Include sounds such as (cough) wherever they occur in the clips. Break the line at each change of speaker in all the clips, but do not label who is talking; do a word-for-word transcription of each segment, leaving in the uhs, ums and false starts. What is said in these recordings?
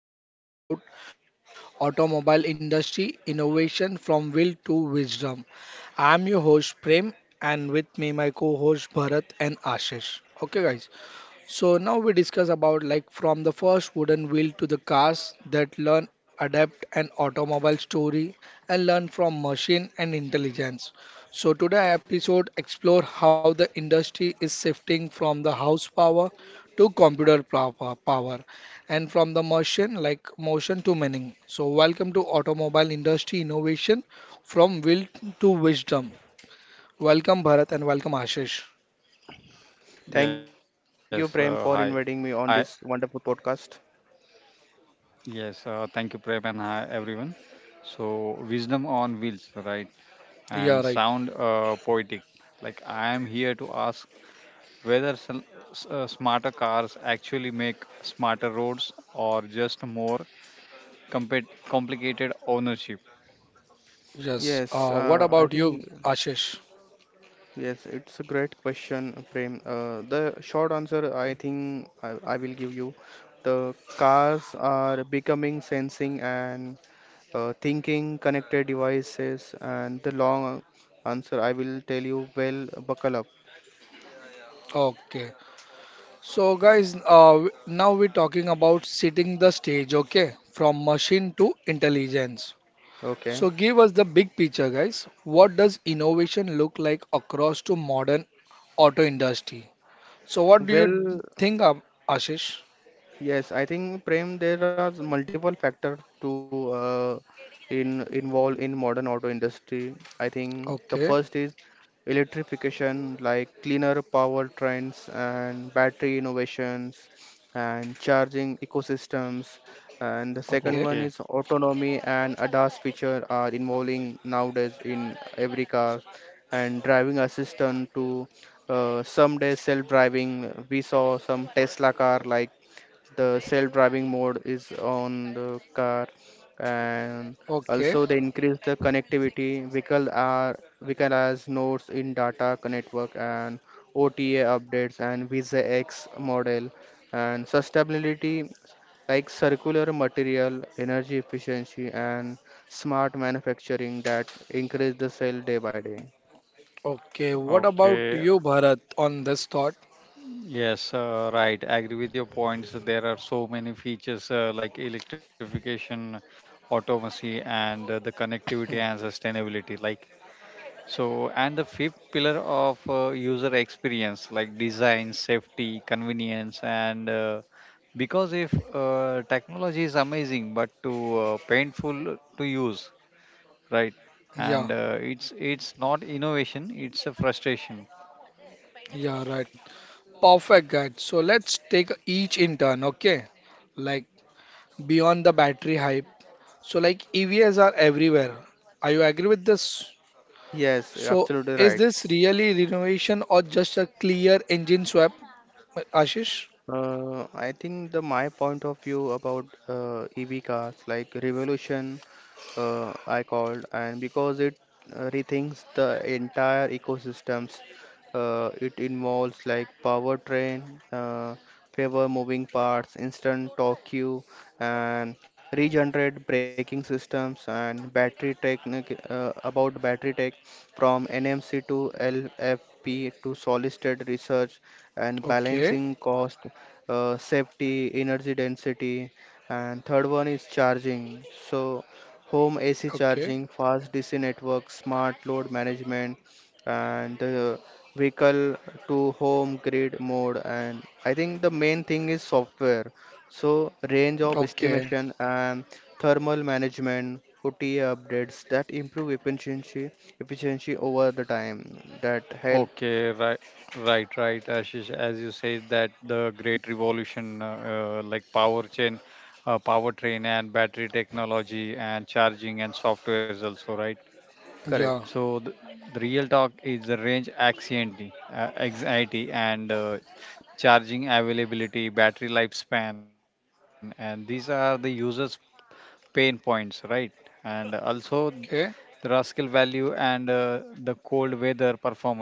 So now we discuss about automobile industry innovation from will to wisdom. I am your host Prem and with me my co-host Bharat and Ashish. Okay guys. So now we discuss about like from the first wooden wheel to the cars that learn, adapt an automobile story and learn from machine and intelligence. So today episode explore how the industry is shifting from the house power to computer pow- power and from the machine like motion to meaning. So welcome to automobile industry innovation from will to wisdom. Welcome Bharat and welcome Ashish.
Yes,
Thank you,
uh,
Prem,
hi.
for inviting me
I
on this wonderful podcast.
yes, uh, Thank you, Prem, and hi everyone. So, wisdom on wheels, right? And sound
Yeah, right.
uh, poetic. Like I am here to ask whether sl- s- uh, smarter cars actually make smarter roads or just more compet complicated ownership.
Yes. Uh,
Yes,
what
uh, I
about you,
think
Ashish?
yes, it's a great question, Prem. Uh, the short answer I think I, I will give you. The cars are becoming sensing and uh, thinking connected devices, and the long answer I will tell you. Well, buckle up.
Okay. So, guys, uh, w- now we're talking about setting the stage, okay? From machine to intelligence.
Okay.
So, give us the big picture, guys. What does innovation look like across to modern auto industry? So, what do you
Well,
think, um, Ashish?
yes, I think Prem, there are multiple factors to uh, in involve in modern auto industry. I think the
Okay,
first is electrification, like cleaner powertrains and battery innovations and charging ecosystems. And the second
okay,
Okay,
one is autonomy and ADAS feature are involving nowadays in every car and driving assistant to uh, someday self-driving. We saw some Tesla car like the self-driving mode is on the car. And
okay,
also they increase the connectivity, vehicle are vehicle has nodes in data network and O T A updates and Visa X model and sustainability like circular material energy efficiency and smart manufacturing that increase the sale day by day.
okay. What about
okay.
you, Bharat, on this thought?
Yes, uh, right. I agree with your points. There are so many features uh, like electrification, automacy, and uh, the connectivity and sustainability. Like so, and the fifth pillar of uh, user experience, like design, safety, convenience, and uh, because if uh, technology is amazing but too uh, painful to use, right?
Yeah.
And uh, it's it's not innovation; it's a frustration.
Yeah, right. Perfect, guys. So let's take each in turn, okay? Like beyond the battery hype. So like E Vs are everywhere. Are you agree with this?
Yes,
So
absolutely
is
right.
this really renovation or just a clear engine swap, Ashish?
Uh, I think the my point of view about uh, E V cars like revolution, uh, I called, and because it uh, rethinks the entire ecosystems. Uh, it involves like powertrain, uh, favor moving parts, instant torque queue, and regenerate braking systems and battery technique, uh, about battery tech from N M C to L F P to solid state research and
Okay,
balancing cost, uh, safety, energy density, and third one is charging. So, home A C
okay,
charging, fast D C network, smart load management, and the vehicle to home grid mode. And I think the main thing is software. So, range of
okay.
estimation and thermal management. O T A updates that improve efficiency efficiency over the time that help.
Okay, right, right, right, Ashish. As you say that the great revolution, uh, uh, like power chain, uh, power train, and battery technology, and charging and software is also right.
Correct.
Yeah,
So the, the real talk is the range anxiety, uh, anxiety, and uh, charging availability, battery lifespan, and these are the users' pain points, right? And also the
okay,
rascal value and uh, the cold weather performance.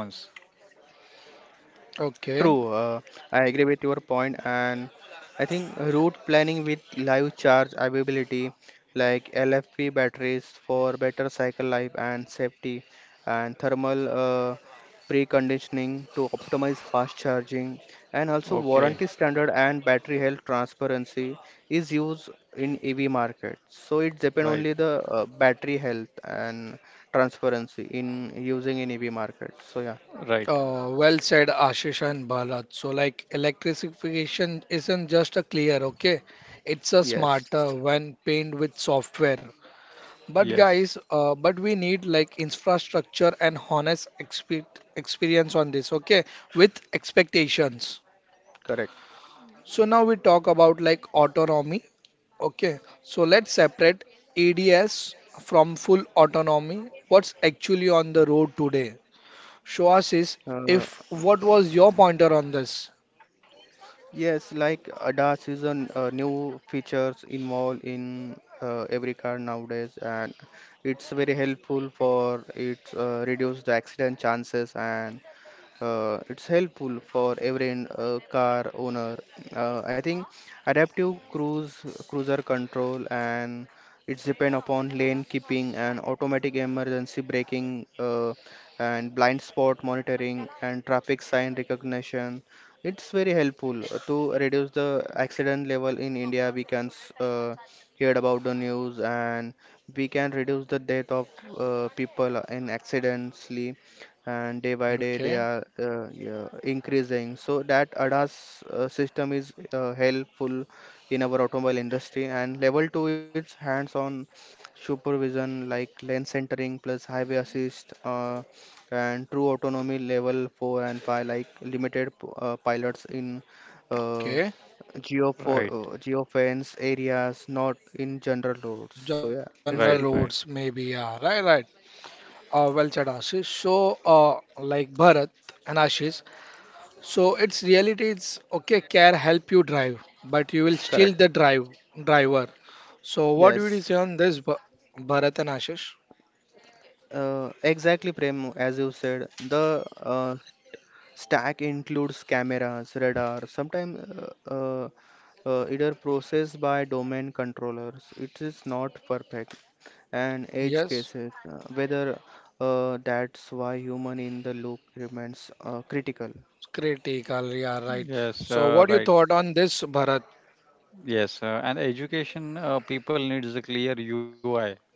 True.
okay.
uh, I agree with your point, and I think route planning with live charge availability, like L F P batteries for better cycle life and safety, and thermal uh, preconditioning to optimize fast charging, and also
Okay,
warranty standard and battery health transparency is used in E V market. So it depends
right,
only the uh, battery health and transparency in using in E V market. So yeah,
right.
Uh, well said, Ashish and Bharat. So, like, electrification isn't just a clear, okay? It's a smarter
yes,
when paired with software. But
Yes,
guys, uh, but we need like infrastructure and honest expe experience on this, okay? With expectations.
correct.
So now we talk about like autonomy, okay? So let's separate A D S from full autonomy. What's actually on the road today? Show us is
Uh,
if what was your pointer on this?
yes, like ADAS is a n- uh, new features involved in uh, every car nowadays, and it's very helpful for it uh, reduce the accident chances, and uh, it's helpful for every uh, car owner. Uh, I think adaptive cruise cruiser control, and it's depend upon lane keeping and automatic emergency braking, uh, and blind spot monitoring and traffic sign recognition. It's very helpful uh, to reduce the accident level in India. We can s- uh, hear about the news, and we can reduce the death of uh, people in accidentally, and day by day they
Okay,
are, uh, yeah, increasing. So that ADAS uh, system is uh, helpful in our automobile industry. And level two is hands-on supervision like lane centering plus highway assist, uh, and true autonomy level four and five like limited p- uh, pilots in uh,
okay.
geofo
right,
uh, geofence areas, not in general roads. So yeah,
General
it's
right,
roads
right.
helpful.
maybe. Yeah, right, right. Uh, well said, Ashish. So, uh, like Bharat and Ashish. So it's reality. It's okay. Care help you drive, but you will still
Correct.
the drive driver. So what would you
Yes.
say on this, Bha- Bharat and Ashish?
Uh, exactly, Prem, as you said, the uh, stack includes cameras, radar, sometimes uh, uh, uh, either processed by domain controllers. It is not perfect, and edge
Yes,
cases, uh, whether, uh, that's why human in the loop remains uh, critical.
critical. Yeah, right.
Yes,
So what
uh,
you
right.
thought on this, Bharat?
Yes, uh, and education uh, people needs a clear U I, right?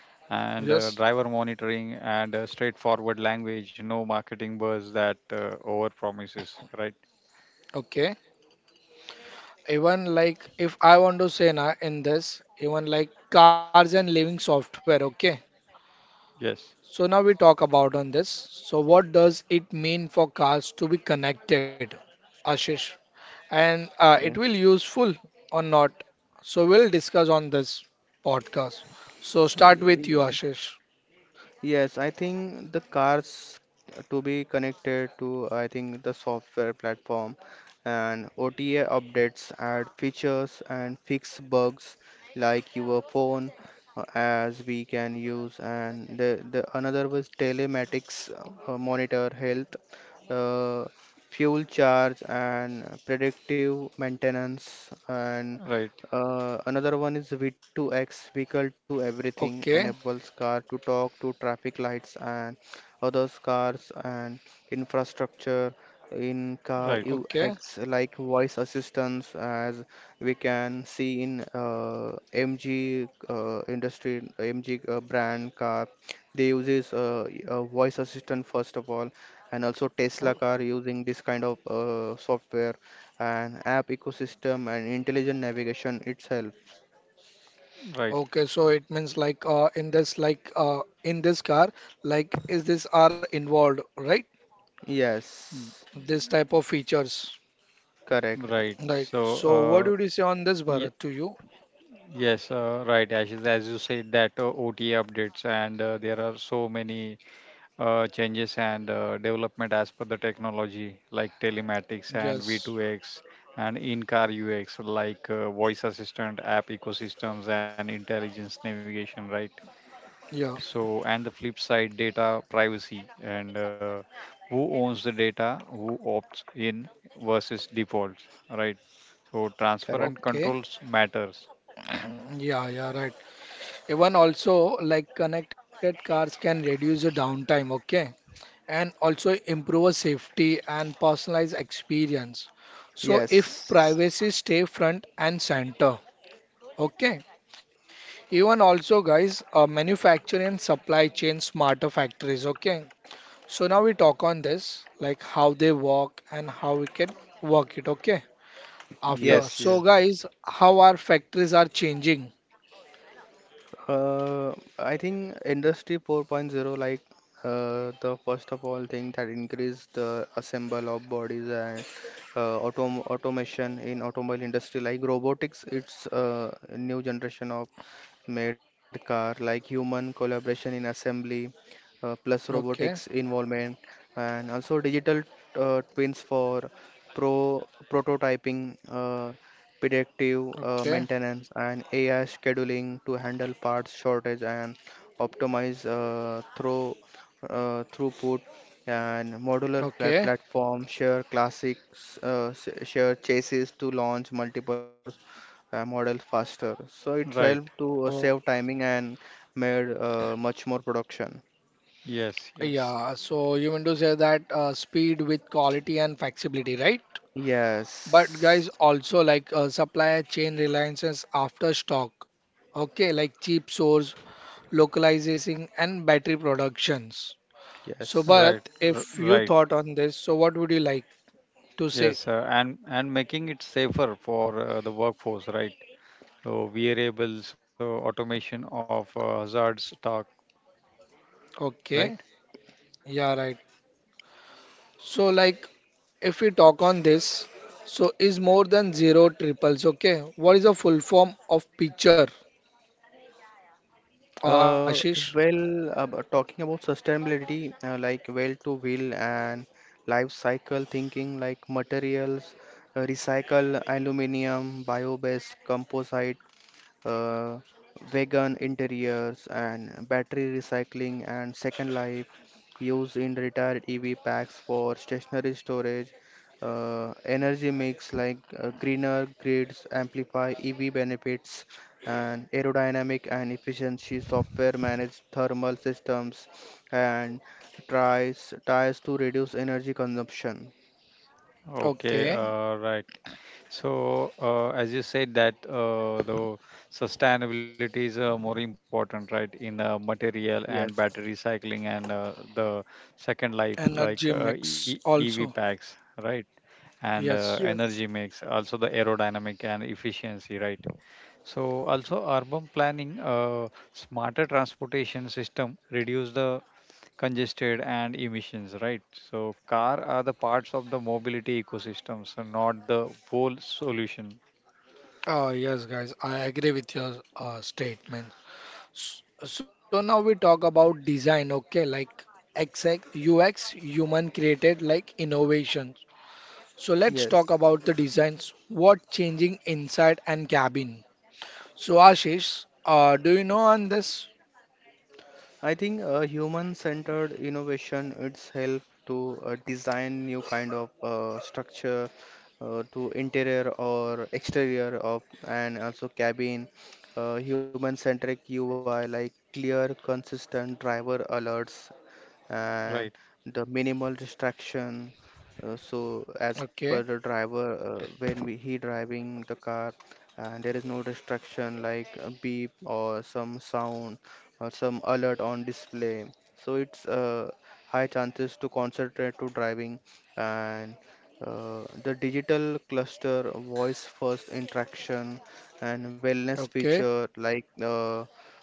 And uh,
Yes.
driver monitoring and uh, straightforward language, no marketing buzz that uh, over promises, right?
Okay. Even like if I want to say now in this even like cars and living software, okay?
Yes,
So now we talk about on this. So what does it mean for cars to be connected, Ashish? And uh, it
Yeah.
will useful or not? So we'll discuss on this podcast. So start with you,
Yeah.
Ashish.
Yes, I think the cars to be connected to, I think, the software platform and O T A updates add features and fix bugs like your phone, uh, as we can use, and the, the another was telematics, uh, monitor health, uh, fuel charge and predictive maintenance, and
right,
uh, another one is V to X, vehicle to everything, enables
Okay,
car to talk to traffic lights and other cars and infrastructure, in car
right,
okay,
U X like voice assistance, as we can see in uh, M G uh, industry, M G uh, brand car. They uses uh, a voice assistant first of all, and also
oh,
Tesla car using this kind of uh, software and app ecosystem and intelligent navigation itself.
right,
okay. So it means like uh, in this like uh, in this car, like is this are involved, right?
y-
Yes,
This type of features.
correct,
right.
Right.
So,
So, what
uh,
would you say on this,
ye-
Bharat, to you?
yes, uh, right, Ashish, as you said that uh, O T A updates and uh, there are so many uh, changes and uh, development as per the technology like telematics and
Yes.
V two X and in-car U X like uh, voice assistant app ecosystems and intelligence navigation, right?
Yeah.
So, and the flip side, data privacy and uh, who owns the data, who opts in versus defaults, right? So, transparent
correct.
Okay.
controls matters.
(clears throat) Yeah, yeah, right. Even also, like connected cars can reduce the downtime, okay? And also improve safety and personalized experience. So,
Yes,
if privacy stay front and center, okay? Even also, guys, uh, manufacturing and supply chain smarter factories, okay? So now we talk on this, like how they work and how we can work it, okay? After.
yes.
Yes,
So
yes,
guys, how our factories are changing?
Uh, I think Industry 4.0, like, uh, the first of all thing that increased the assemble of bodies, and uh, autom automation in automobile industry, like robotics. It's uh, a new generation of made car, like human collaboration in assembly, uh, plus robotics
Okay,
involvement, and also digital uh, twins for pro prototyping. Uh, predictive uh,
okay,
maintenance, and A I scheduling to handle parts shortage and optimize, uh, through, uh, throughput. And modular
okay.
plat- platform share classics, uh, s- share chassis to launch multiple modes uh, models faster. So it's
right.
helped to uh,
Oh,
save timing and made uh, much more production.
Yes, yes,
yeah. So you mean to say that uh, speed with quality and flexibility, right? But
Yes,
guys, also like uh, supply chain reliances after stock. Okay, like cheap source, localizing, and battery productions. So
yes.
right,
Bharat,
r-
if you
right.
thought on this, so what would you like to say?
Yes, uh, and and making it safer for uh, the workforce, right? So variables, so automation of uh, hazards talk, right?
Okay, yeah, right. So like if we talk on this, so is more than zero triples. Okay, what is the full form of picture, uh, Ashish?
Uh, well, about talking about sustainability, uh, like well to wheel and life cycle thinking, like materials, uh, recycle aluminum, bio-based composite, uh, vegan interiors, and battery recycling and second life used in retired E V packs for stationary storage. Uh, energy mix, like uh, greener grids amplify E V benefits, and aerodynamic and efficiency software managed thermal systems, and tries tries to reduce energy consumption.
Okay,
Okay,
uh, right. So uh, as you said that uh, the sustainability is uh, more important, right? In uh, material and
Yes,
battery recycling and uh, the second life, like uh,
energy
e-
mix
EV packs,
also.
right? And uh,
yes,
Yes.
energy mix, also the aerodynamic and efficiency, right? So also urban planning, uh, smarter transportation system reduce the congested and emissions, right? So car are the parts of the mobility ecosystem, so not the whole solution,
Oh, yes, guys, I agree with your uh, statement. S- So now we talk about design, okay, like X X, U X, human created, like innovations. So let's talk
yes.
about the designs. What changing inside and cabin? So Ashish, uh, do you know on this?
I think uh, human-centered innovation it's help to uh, design new kind of uh, structure, uh, to interior or exterior of and also cabin. Uh, human-centric U I like clear, consistent driver alerts
right?
and the minimal distraction. Uh, so as per
Okay.
the driver, uh, when we, he driving the car, and there is no distraction like a beep or some sound or some alert on display. So it's uh, high chances to concentrate to driving, and uh, the digital cluster voice first interaction, and wellness
Okay,
feature like uh,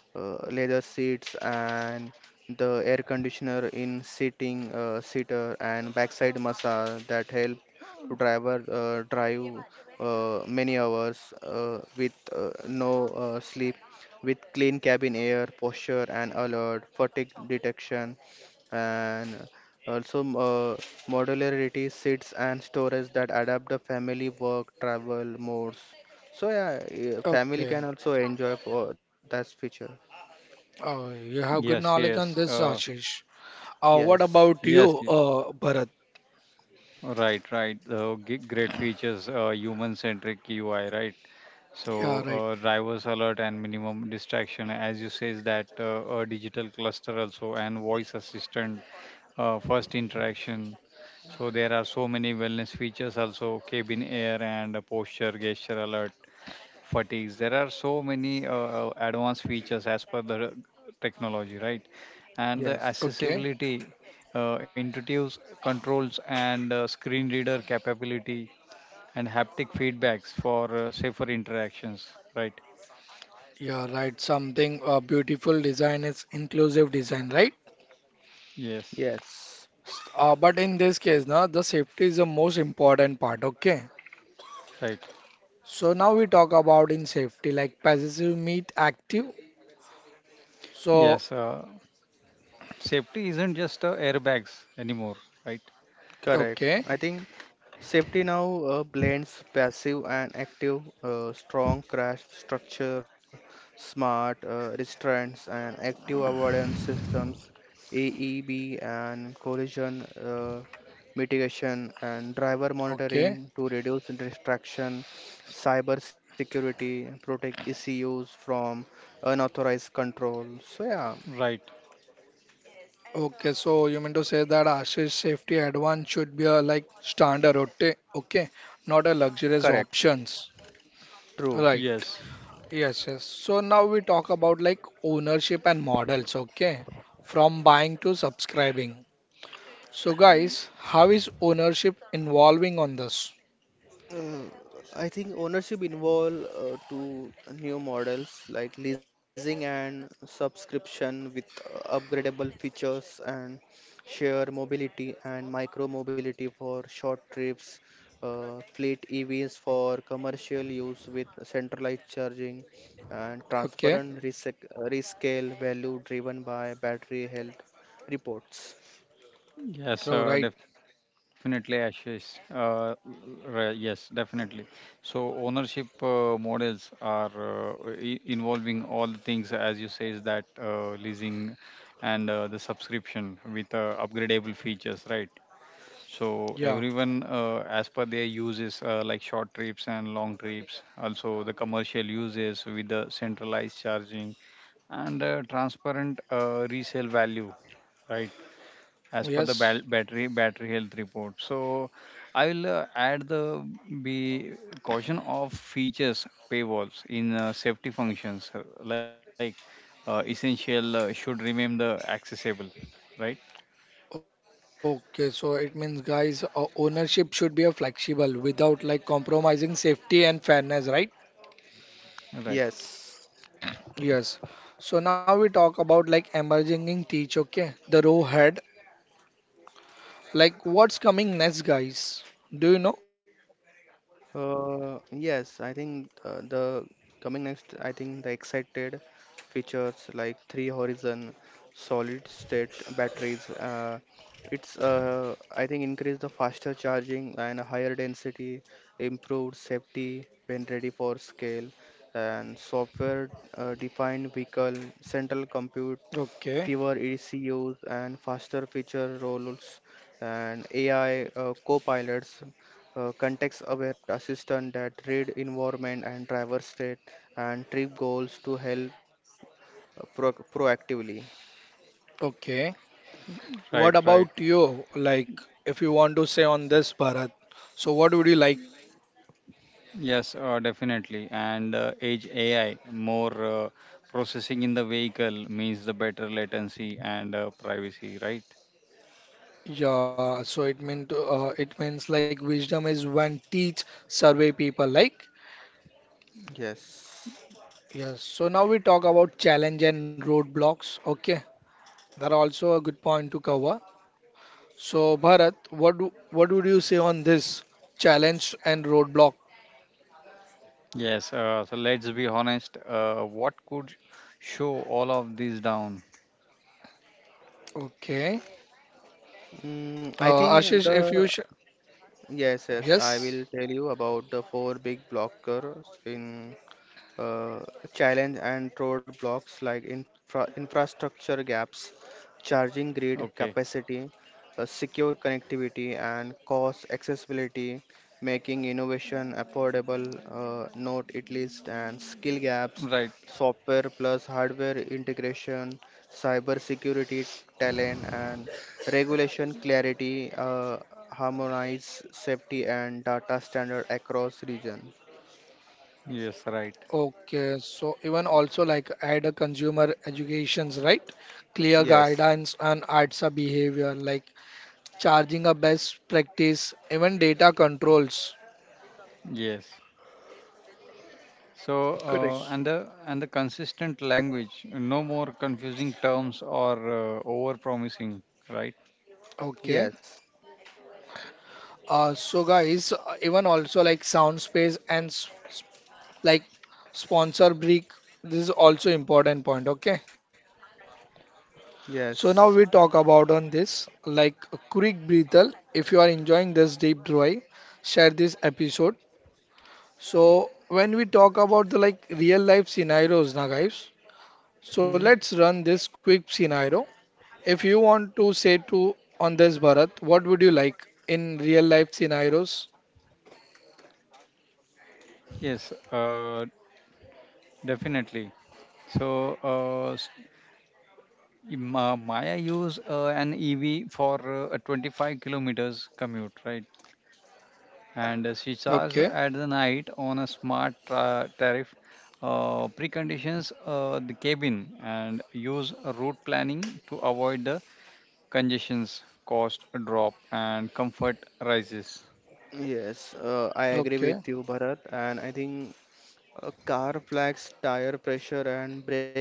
uh, leather seats, and the air conditioner in seating uh, seater and backside massage that help to driver uh, drive uh, many hours uh, with uh, no uh, sleep, with clean cabin air posture and alert fatigue detection, and also uh, modularity seats and storage that adapt the family work travel modes. So yeah, uh, family
okay.
can also enjoy for that feature.
Oh, you have
Yes,
good knowledge
yes,
on this,
uh,
Ashish. Uh, what
Yes,
about
yes,
you,
ye-
uh, Bharat?
right, right. Uh, g- great features, uh, human-centric U I, right?
Yeah,
So
right.
uh, drivers alert and minimum distraction, as you says that uh, a digital cluster also and voice assistant, uh, first interaction. So there are so many wellness features also cabin air and posture, gesture alert, fatigues. There are so many uh, uh, advanced features as per the technology, right? And the
yes,
Okay.
accessibility, uh, intuitive controls and uh, screen reader capability and haptic feedbacks for uh, safer interactions, right?
Yeah, right. Something uh, beautiful design is inclusive design, right?
Yes,
yes.
S- Uh, but in this case, now the safety is the most important part. Okay.
right.
So now we talk about in safety, like passive meet active.
Yes,
So
uh, safety isn't just uh, airbags anymore, right?
Correct.
okay,
I think safety now uh, blends passive and active, uh, strong crash structure, smart uh, restraints, and active avoidance systems, A E B, and collision uh, mitigation, and driver
okay.
monitoring to reduce distraction, cyber security, protect E C Us from unauthorized control. So, yeah,
Right.
Okay, so you mean to say that Ashish safety advance should be a like standard route, okay, not a luxurious
correct.
options.
True.
Right.
Yes.
Yes, yes. So now we talk about like ownership and models, okay? From buying to subscribing. So guys, how is ownership involving on this?
Uh, I think ownership involve uh, two new models like leasing and subscription with uh, upgradable features, and share mobility and micro mobility for short trips, uh, fleet E Vs for commercial use with centralized charging and
Okay.
transparent resec- uh, rescale value driven by battery health reports.
Yes,
Oh,
uh,
right.
definitely, Ashish. Uh, r- yes, definitely. So ownership uh, models are uh, i- involving all the things, as you say, is that uh, leasing and uh, the subscription with uh, upgradable features, right? So
Yeah.
everyone, uh, as per their uses, uh, like short trips and long trips, also the commercial uses with the centralized charging and uh, transparent uh, resale value, right? As per the bal- battery
Yes.
battery health report. So I will uh, add the be caution of features paywalls in uh, safety functions uh, like uh, essential uh, should remain the accessible, right,
Okay, so it means guys, uh, ownership should be a flexible without like compromising safety and fairness, right?
right,
Yes.
Yes. So now we talk about like emerging in teach, okay? The row head. Like what's coming next, guys? Do you know?
Uh, yes, I think uh, the coming next, I think the excited features like three horizon solid state batteries. Uh, it's uh, I think increase the faster charging and a higher density, improved safety when ready for scale, and software uh, defined vehicle, central compute
Okay.
fewer E C Us and faster feature rollouts, and A I uh, co-pilots, uh, context-aware assistant that read environment and driver state and trip goals to help uh, pro proactively.
Okay.
right,
What
right.
about you? Like if you want to say on this Bharat. So what would you like?
Yes, uh, definitely. And uh, age AI more uh, processing in the vehicle means the better latency and uh, privacy, right?
Yeah, so it mean to, uh, it means like wisdom is when teach survey people like
Yes.
yes. So now we talk about challenge and roadblocks. Okay, that are also a good point to cover. So, Bharat, what do- what would you say on this challenge and roadblock?
Yes, uh, so let's be honest. Uh, what could show all of these down?
Okay.
Mm, I
Uh,
think
Ashish, if you
the
sh
Yes, yes, I
yes.
will tell you about the four big blockers in uh, challenge and roadblocks, like infra- infrastructure gaps, charging grid
Okay,
capacity, uh, secure connectivity, and cost accessibility, making innovation affordable. Uh, note it list and skill gaps,
right.
software plus hardware integration, cyber security talent, and regulation clarity. Uh, harmonize safety and data standard across region.
Yes, right.
Okay. So even also like add a consumer educations, right? Clear
Yes.
guidance on A R T S A behavior, like charging a best practice, even data controls.
Yes. So uh,
Correct.
and the and the consistent language. No more confusing terms or uh, over promising. Right.
Okay.
Yes.
Uh, so guys, uh, even also like sound space and s s- like sponsor break. This is also important point. Okay.
Yes.
So now we talk about on this like a quick breathal. If you are enjoying this deep dive, share this episode. So when we talk about the like real life scenarios now guys, so
Hmm.
let's run this quick scenario. If you want to say to on this Bharat, what would you like in real life scenarios?
Yes. Uh, definitely. So uh, s- Ma- Maya use uh, an E V for uh, a twenty-five kilometers commute. Right. And uh, she charges
Okay,
at the night on a smart tra- tariff, uh, preconditions uh, the cabin and use route planning to avoid the congestions. Cost drop and comfort rises,
Yes, uh, I agree
okay,
with you, Bharat, and I think uh, car flags tire pressure and brake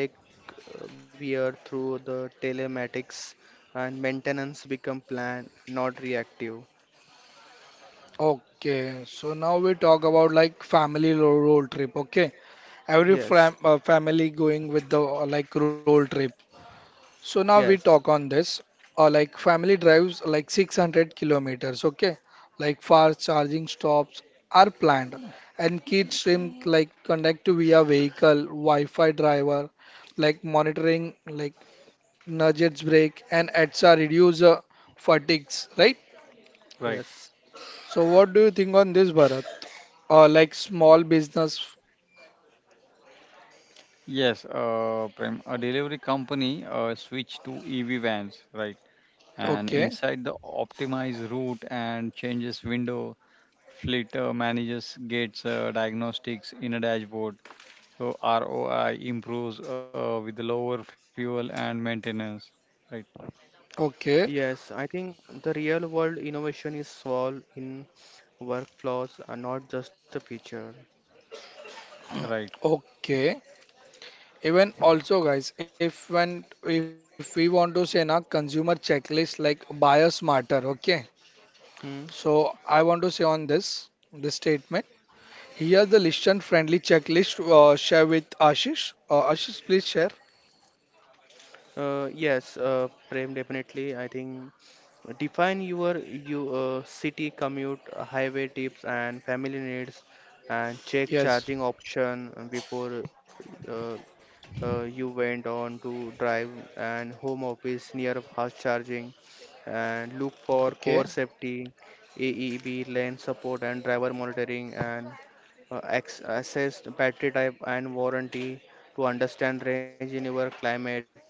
uh, wear through the telematics, and maintenance become planned, not reactive.
okay. So now we talk about like family ro- road trip. Okay, every
Yes,
fam uh, family going with the uh, like road trip. So now we talk
yes,
on this. Uh, like family drives like six hundred kilometers, okay? Like fast charging stops are planned, and kids stream like connect to via vehicle, Wi-Fi driver, like monitoring, like nudges brake, and E T S A reduce uh, fatigues, right?
right.
yes,
So what do you think on this, Bharat? Uh, like small business,
Yes, uh, Prem, a delivery company uh, switch to EV vans, right, and
okay,
inside the optimized route and changes window. Fleet uh, managers gets uh, diagnostics in a dashboard. So R O I improves uh, with lower fuel and maintenance. Right,
okay,
yes. I think the real world innovation is solved in workflows, and not just a feature.
right.
okay. Even also, guys, if when if we want to say na consumer checklist like buyer smarter, okay?
Hmm?
So I want to say on this this statement. Here's the listen friendly checklist uh, share with Ashish. Uh, Ashish, please share.
Uh, yes, uh, Prem, definitely. I think define your you uh, city commute, uh, highway tips, and family needs, and check charging
Yes.
option before, uh, uh, you went on to drive, and home office near fast charging, and look for core
Okay.
safety, A E B lane support and driver monitoring, and uh, ex- assess the battery type and warranty to understand range in your climate,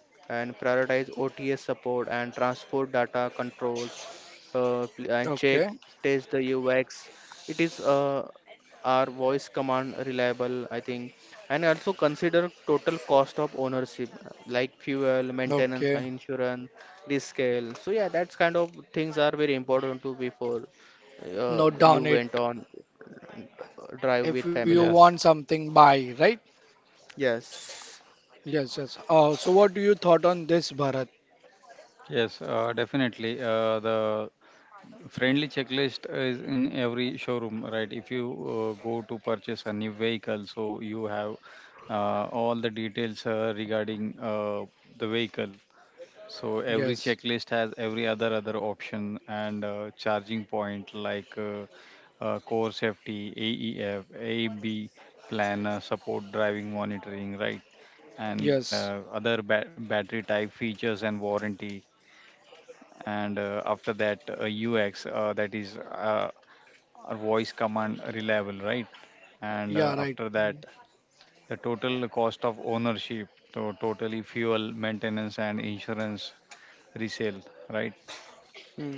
and prioritize O T S support and transport data controls, uh, pl- and check
Okay.
test the U X. It is, uh, are voice command reliable, I think, and also consider total cost of ownership like fuel, maintenance,
Okay.
and insurance, risk scale. So yeah, that's kind of things are very important to before uh,
Note
you
down
went
it.
on uh, drive with
If you
Yes,
family.
want something, buy, right?
Yes.
Yes, yes. Uh, so what do you thought on this, Bharat?
yes, uh, definitely. Uh, the friendly checklist is in every showroom, right? If you uh, go to purchase a new vehicle, so you have uh, all the details uh, regarding uh, the vehicle. So every
Yes.
checklist has every other other option and uh, charging point like. Uh, uh, core safety, A E F, A B plan uh, support driving monitoring, right? And uh,
Yes.
other ba- battery type features and warranty. And uh, after that, uh, U X, uh, that is uh, our voice command reliable, right? And uh,
Yeah,
after
right.
that, the total cost of ownership, so totally fuel, maintenance, and insurance resale, right?
Mm.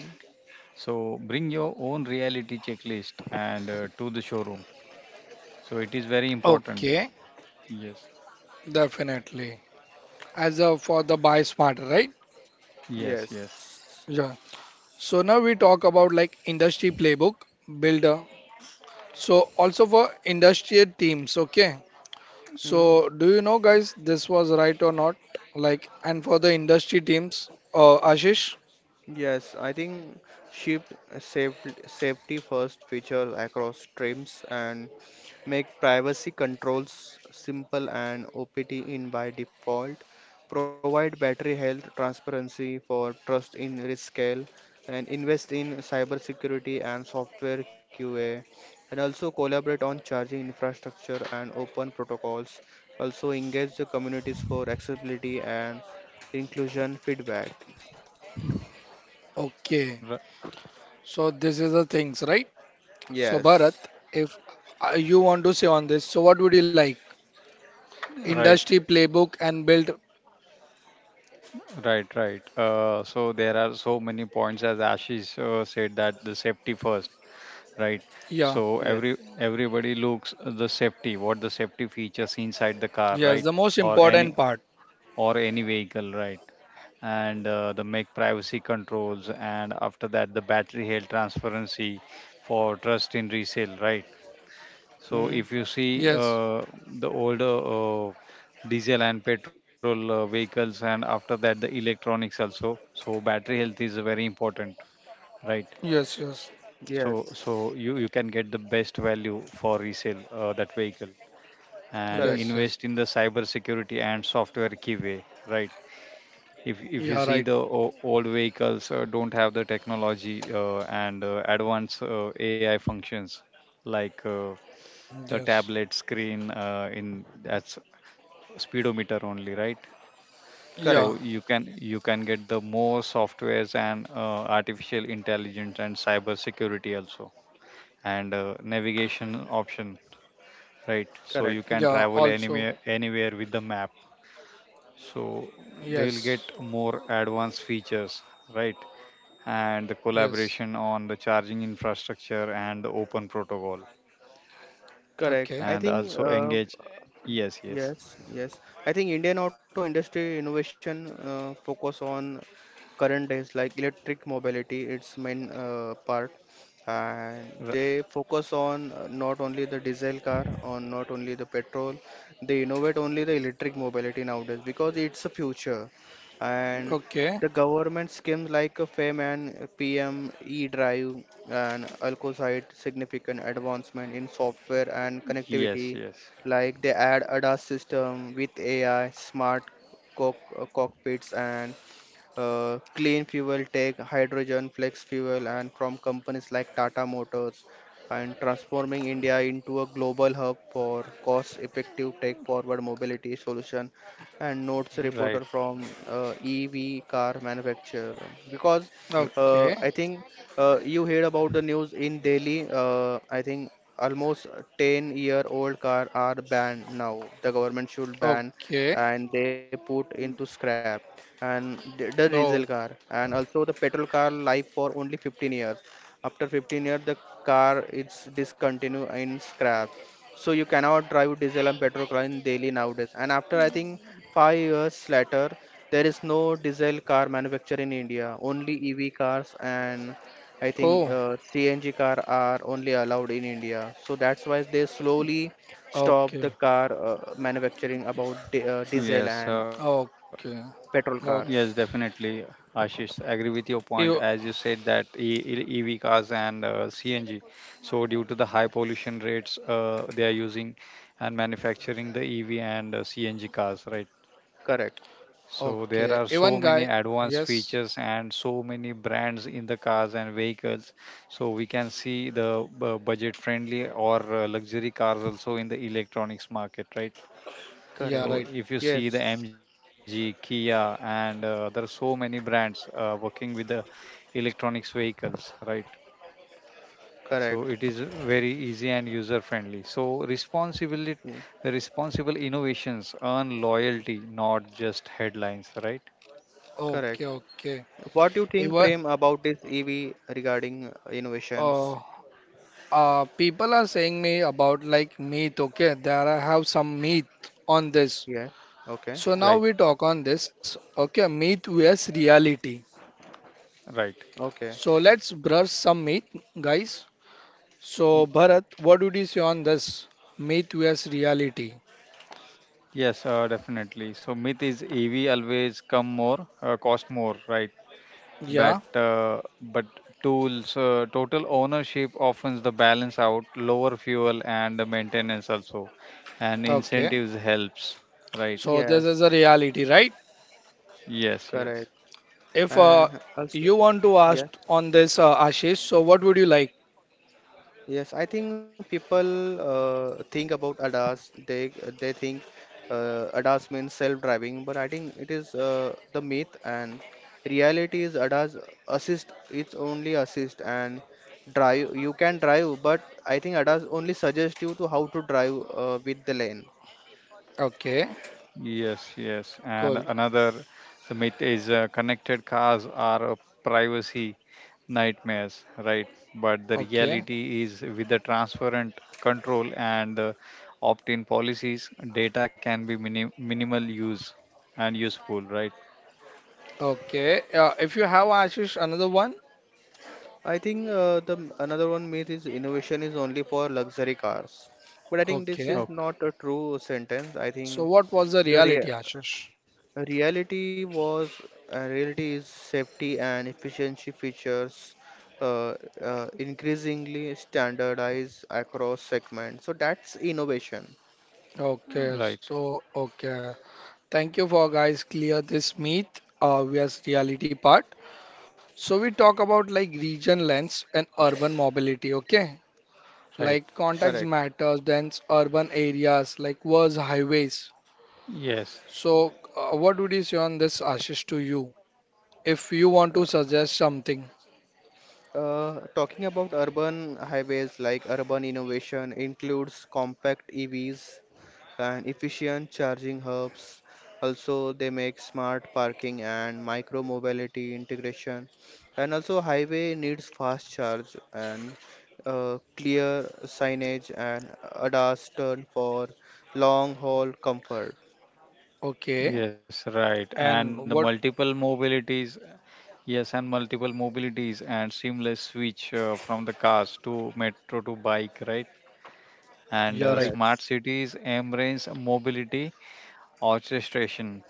So bring your own reality checklist and uh, to the showroom. So it is very important.
Okay.
Yes.
Definitely. As a for the buy smart, right?
Yes, yes.
Yes.
Yeah. So now we talk about like industry playbook builder, so also for industrial teams, okay? So
Mm.
do you know guys this was right or not? Like and for the industry teams, uh Ashish?
Yes, I think ship safety safety first feature across trims, and make privacy controls simple and OPT in by default, provide battery health transparency for trust in risk scale, and invest in cybersecurity and software Q A, and also collaborate on charging infrastructure and open protocols. Also engage the communities for accessibility and inclusion feedback.
Okay.
R-
So this is the things, right? So Bharat,
Yes,
if uh, you want to say on this, so what would you like industry
right,
playbook and build?
right, right. Uh, so there are so many points as Ashish uh, said that the safety first, right?
Yeah,
So
yes,
every everybody looks the safety, what the safety features inside the car,
yes,
right?
the most
Or
important
any
part.
or any vehicle, right? And uh, the make privacy controls and after that the battery health transparency for trust in resale, right. So if
mm,
you
Yes,
see uh, the older uh, diesel and petrol uh, vehicles, and after that the electronics also. So battery health is very important, right?
yes, yes,
So
yes,
so you you can get the best value for resale uh, that vehicle and
correct,
yes,
invest
yes.
in the cyber security and software keyway, right? If
Yeah,
if
right.
you see the o- old vehicles uh, don't have the technology uh, and uh, advanced uh, A I functions like uh, the
Yes.
tablet screen uh, in that's speedometer only, right. So
Yeah.
correct.
you can you can get the more softwares and uh, artificial intelligence and cyber security also and uh, navigation option, right. So you
Correct.
can
Yeah.
travel
Also.
anywhere anywhere with the map, so they will
Yes.
get more advanced features, right. And the
Yes.
collaboration on the charging infrastructure and the open protocol,
Correct.
Okay.
I
and
think,
also
uh,
engage. Yes, yes.
yes, yes. I think Indian auto industry innovation uh, focus on current days like electric mobility, its main uh, part, and they focus on uh, not only the diesel car, on not only the petrol. They innovate only the electric mobility nowadays because it's a future, and
Okay.
the government schemes like uh, FAME and P M E drive and ALCO site significant advancement in software and
Yes,
connectivity,
yes,
like they add A D A S system with A I, smart cock uh, cockpits, and uh, clean fuel tech, hydrogen, flex fuel, and from companies like Tata Motors, and transforming India into a global hub for cost-effective tech-forward mobility solution. And notes reporter
right.
from uh, E V car manufacturer because
R-
uh,
Okay.
I think uh, you heard about the news in Delhi. Uh, I think almost ten-year-old car are banned now. The government should ban
Okay.
and they put into scrap and the the diesel car
No.
and also the petrol car life for only fifteen years. After fifteen years, the car is discontinued in scrap. So you cannot drive diesel and petrol in daily nowadays. And after I think five years later, there is no diesel car manufactured in India. Only E V cars and
Oh.
I think uh, C N G car are only allowed in India. So that's why they slowly
Okay.
stop the car uh, manufacturing about di uh, diesel
Yes,
and
uh,
Okay.
petrol
Okay.
cars.
yes, definitely, Ashish. Agree with your point.
You.
As you said that E- E- EV cars and uh, C N G, so due to the high pollution rates, uh, they are using and manufacturing the E V and uh, C N G cars, right?
Correct.
So there
Okay.
are
Even
so
guy.
many advanced
Yes.
features and so many brands in the cars and vehicles. So we can see the uh, budget-friendly or uh, luxury cars also in the electronics market, right?
Yeah.
Correct.
So
Right.
if you see the
Yes.
M G, Kia, and uh, there are so many brands uh, working with the electronics vehicles, right?
Correct.
So it is very easy and user friendly. So
Mm.
responsibility, responsible innovations earn loyalty, not just headlines, right?
Correct.
Okay. Okay.
What do you think,
Even.
Prem, about this E V regarding uh,
Uh.
innovations?
Uh. People are saying me about like meat. Okay. There I have some meat on this.
Yeah.
So
Okay.
now
Right,
we talk on this. Okay. Meat vs reality.
right.
So
Okay.
let's brush some myth, guys. So
Y-
Bharat, what would you say on this myth vs reality?
Yes, uh, definitely. So myth is E V always come more, uh, cost more, right? But
Yeah,
uh, but tools uh, total ownership often the balance out lower fuel and the maintenance also, and
okay.
incentives helps, right.
So this is a
Yes.
reality, right?
Yes, yes,
Correct.
If uh,
And
you
also,
want to ask
yeah.
on this, uh, Ashish, so what would you like?
Yes, I think people uh, think about A D A S. They they think uh, A D A S means self-driving, but I think it is uh, the myth and reality is A D A S assist. It's only assist and drive. You can drive, but I think A D A S only suggests you to how to drive uh, with the lane.
Okay,
yes, yes. And
cool.
another, the myth is uh, connected cars are a privacy nightmares, right? But the
Okay,
reality is with the transparent control and uh, opt-in policies data can be minim- minimal use and useful, right.
okay. Uh, if you have Ashish, another one.
I think uh, the m- another one myth is innovation is only for luxury cars, but I think this
Okay.
is
Okay.
not a true sentence. I
So
think
what was the
the rea
reality, Ashish?
reality was uh, reality is safety and efficiency features uh, uh, increasingly standardized across segments. So that's innovation.
Okay,
Right,
so okay. Thank you for guys clear this myth uh, vs reality part. So we talk about like region lens and urban mobility, okay?
right.
Like context
Correct.
matters, dense urban areas, like was highways.
Yes,
So uh, what would you say on this, Ashish, to you? If you want
Uh,
to suggest something,
uh, Talking about urban highways, like urban innovation includes compact E Vs and efficient charging hubs. Also, they make smart parking and micro mobility integration. And also, highway needs fast charge and uh, clear signage and A D A S turn for long haul comfort.
okay?
yes, right. And the
And
multiple
what?
mobilities, yes, and multiple mobilities and seamless switch uh, from the cars to metro to bike, right? And uh,
You're right.
Yes,
smart cities embrace mobility orchestration,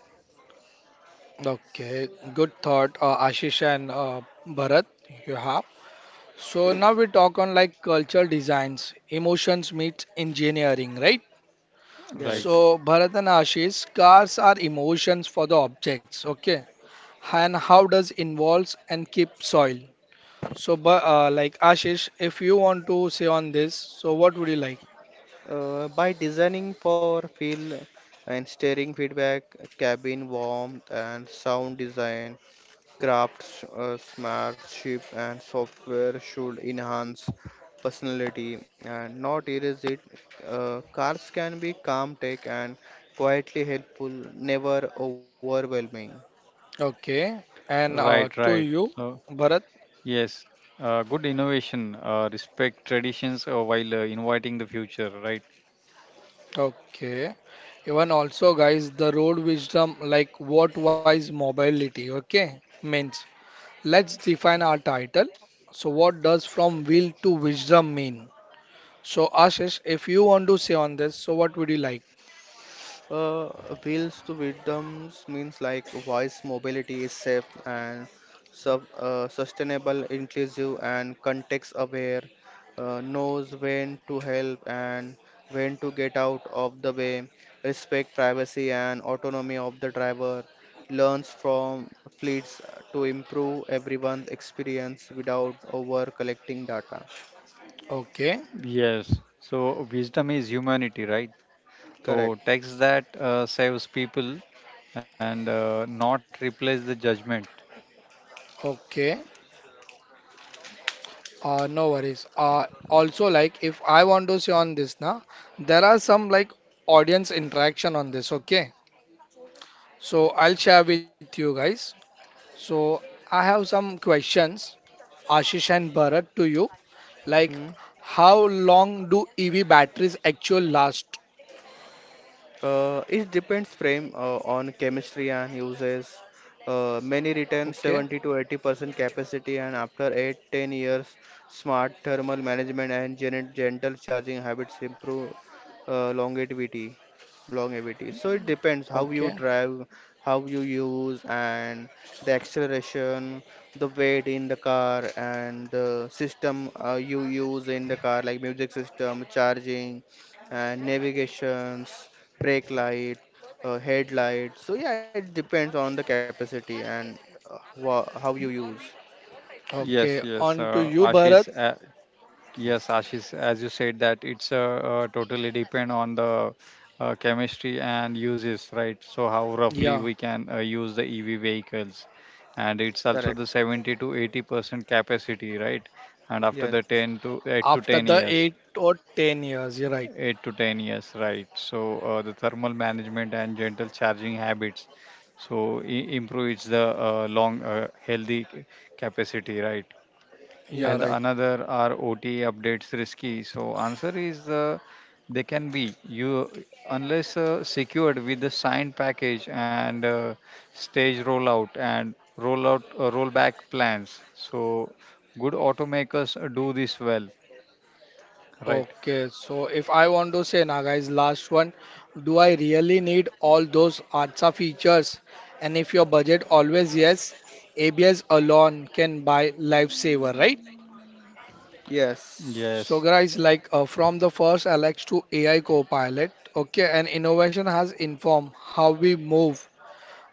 Okay, good thought, uh, Ashish and uh, Bharat. You have. So now we talk on like cultural designs, emotions meets engineering, right?
right?
yes.
So, Bharat and Ashish, cars are emotions for the objects, okay? And how does involves and keep soil? So, but uh, like Ashish, if you want to say on this, so what would you like?
Uh, by designing for feel and steering feedback, cabin warmth, and sound design, crafts, uh, smartship, and software should enhance personality and not erase it. Uh, cars can be calm, tech, and quietly helpful, never overwhelming.
Okay,
Right,
and uh,
right.
to
So,
you, Bharat.
yes, uh, good innovation, uh, respect traditions uh, while uh, inviting the future, right?
Okay, even also, guys, the road wisdom like what wise mobility. Okay, means let's define our title. So, what does from will to wisdom mean? So, Ashish, if you want to say on this, so what would you like?
Uh, Wheels to wisdoms means like voice mobility is safe and sub, uh, sustainable, inclusive, and context aware, uh, knows when to help and when to get out of the way, respect privacy and autonomy of the driver, learns from fleets to improve everyone's experience without over collecting data.
Okay,
Yes. So wisdom is humanity, right? So
Correct.
text that uh, saves people and uh, not replace the judgment.
okay. Uh, no worries. Uh, also, like if I want to see on this now, there are some like audience interaction on this. Okay, so I'll share with you guys. So I have some questions, Ashish and Bharat, to you. Like,
Hmm?
how long do E V batteries actually last?
Uh, it depends frame uh, on chemistry and uses. Uh, many return
Okay,
seventy to eighty percent capacity, and after eight ten years, smart thermal management and gen- gentle charging habits improve uh, longevity. Longevity. So it depends how you
okay,
drive, how you use, and the acceleration, the weight in the car, and the system uh, you use in the car, like music system, charging and navigations, brake light, uh, headlight. So yeah, it depends on the capacity and uh, wha- how you use.
Yes,
okay.
yes,
On
uh,
to you,
ashish
Bharat.
uh, yes, Ashish, as you said that it's uh, uh, totally depend on the uh, chemistry and uses, right. So how roughly
Yeah,
we can uh, use the EV vehicles, and it's also
Correct.
the seventy to eighty percent capacity, right, and after the
Yes.
ten to eight to
after
ten
the
years.
eight or ten years. You're right.
Eight to ten years, right. So uh, the thermal management and gentle charging habits. So i- improves the uh, long uh, healthy c- capacity, right?
Yeah,
And the
right.
Yes.
another are O T A updates risky. So answer is uh, they can be you unless uh, secured with the signed package and uh, stage rollout and rollout uh, rollback plans. So good automakers do this well, right?
Okay, so if I want to say now, guys, last one, do I really need all those A R S A features? And if your budget always yes, A B S alone can buy lifesaver, right?
Yes.
Yes,
So guys, like uh, from the first Alex to A I Copilot, okay, and innovation has informed how we move,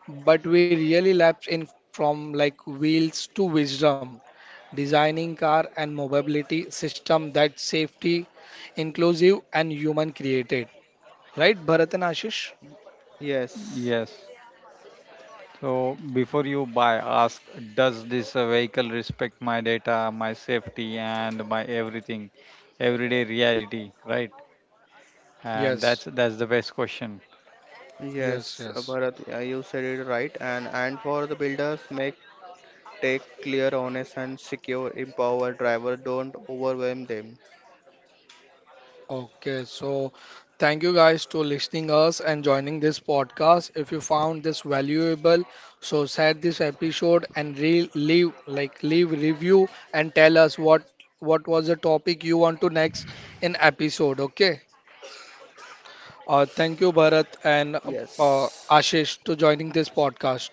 but we really lapse in from like wheels to wisdom, designing car and mobility system that safety, inclusive and human created. Right, Bharat and Ashish?
Yes.
yes. So before you buy, ask, does this uh, vehicle respect my data, my safety, and my everything, everyday reality, right? And
Yes,
that's that's the best question.
yes,
Yes,
yes.
uh, Bharat, uh, you said it right. And and for the builders, make take clear, honest, and secure. Empower driver. Don't overwhelm them.
Okay, so thank you guys to listening us and joining this podcast. If you found this valuable, so share this episode and re leave like leave review and tell us what what was the topic you want to next in episode. Okay. Uh, thank you, Bharat
Yes.
and uh, Ashish, to joining this podcast.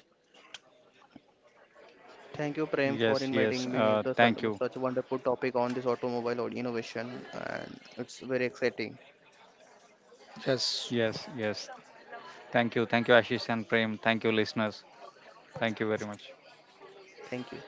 Thank you, Prem, for
Yes, yes.
inviting me
Uh,
with the
thank
sun-
you.
such a wonderful topic on this automobile or innovation, and it's very exciting.
Yes,
Yes.
yes. Thank you, thank you, Ashish and Prem. Thank you, listeners. Thank you very much.
Thank you.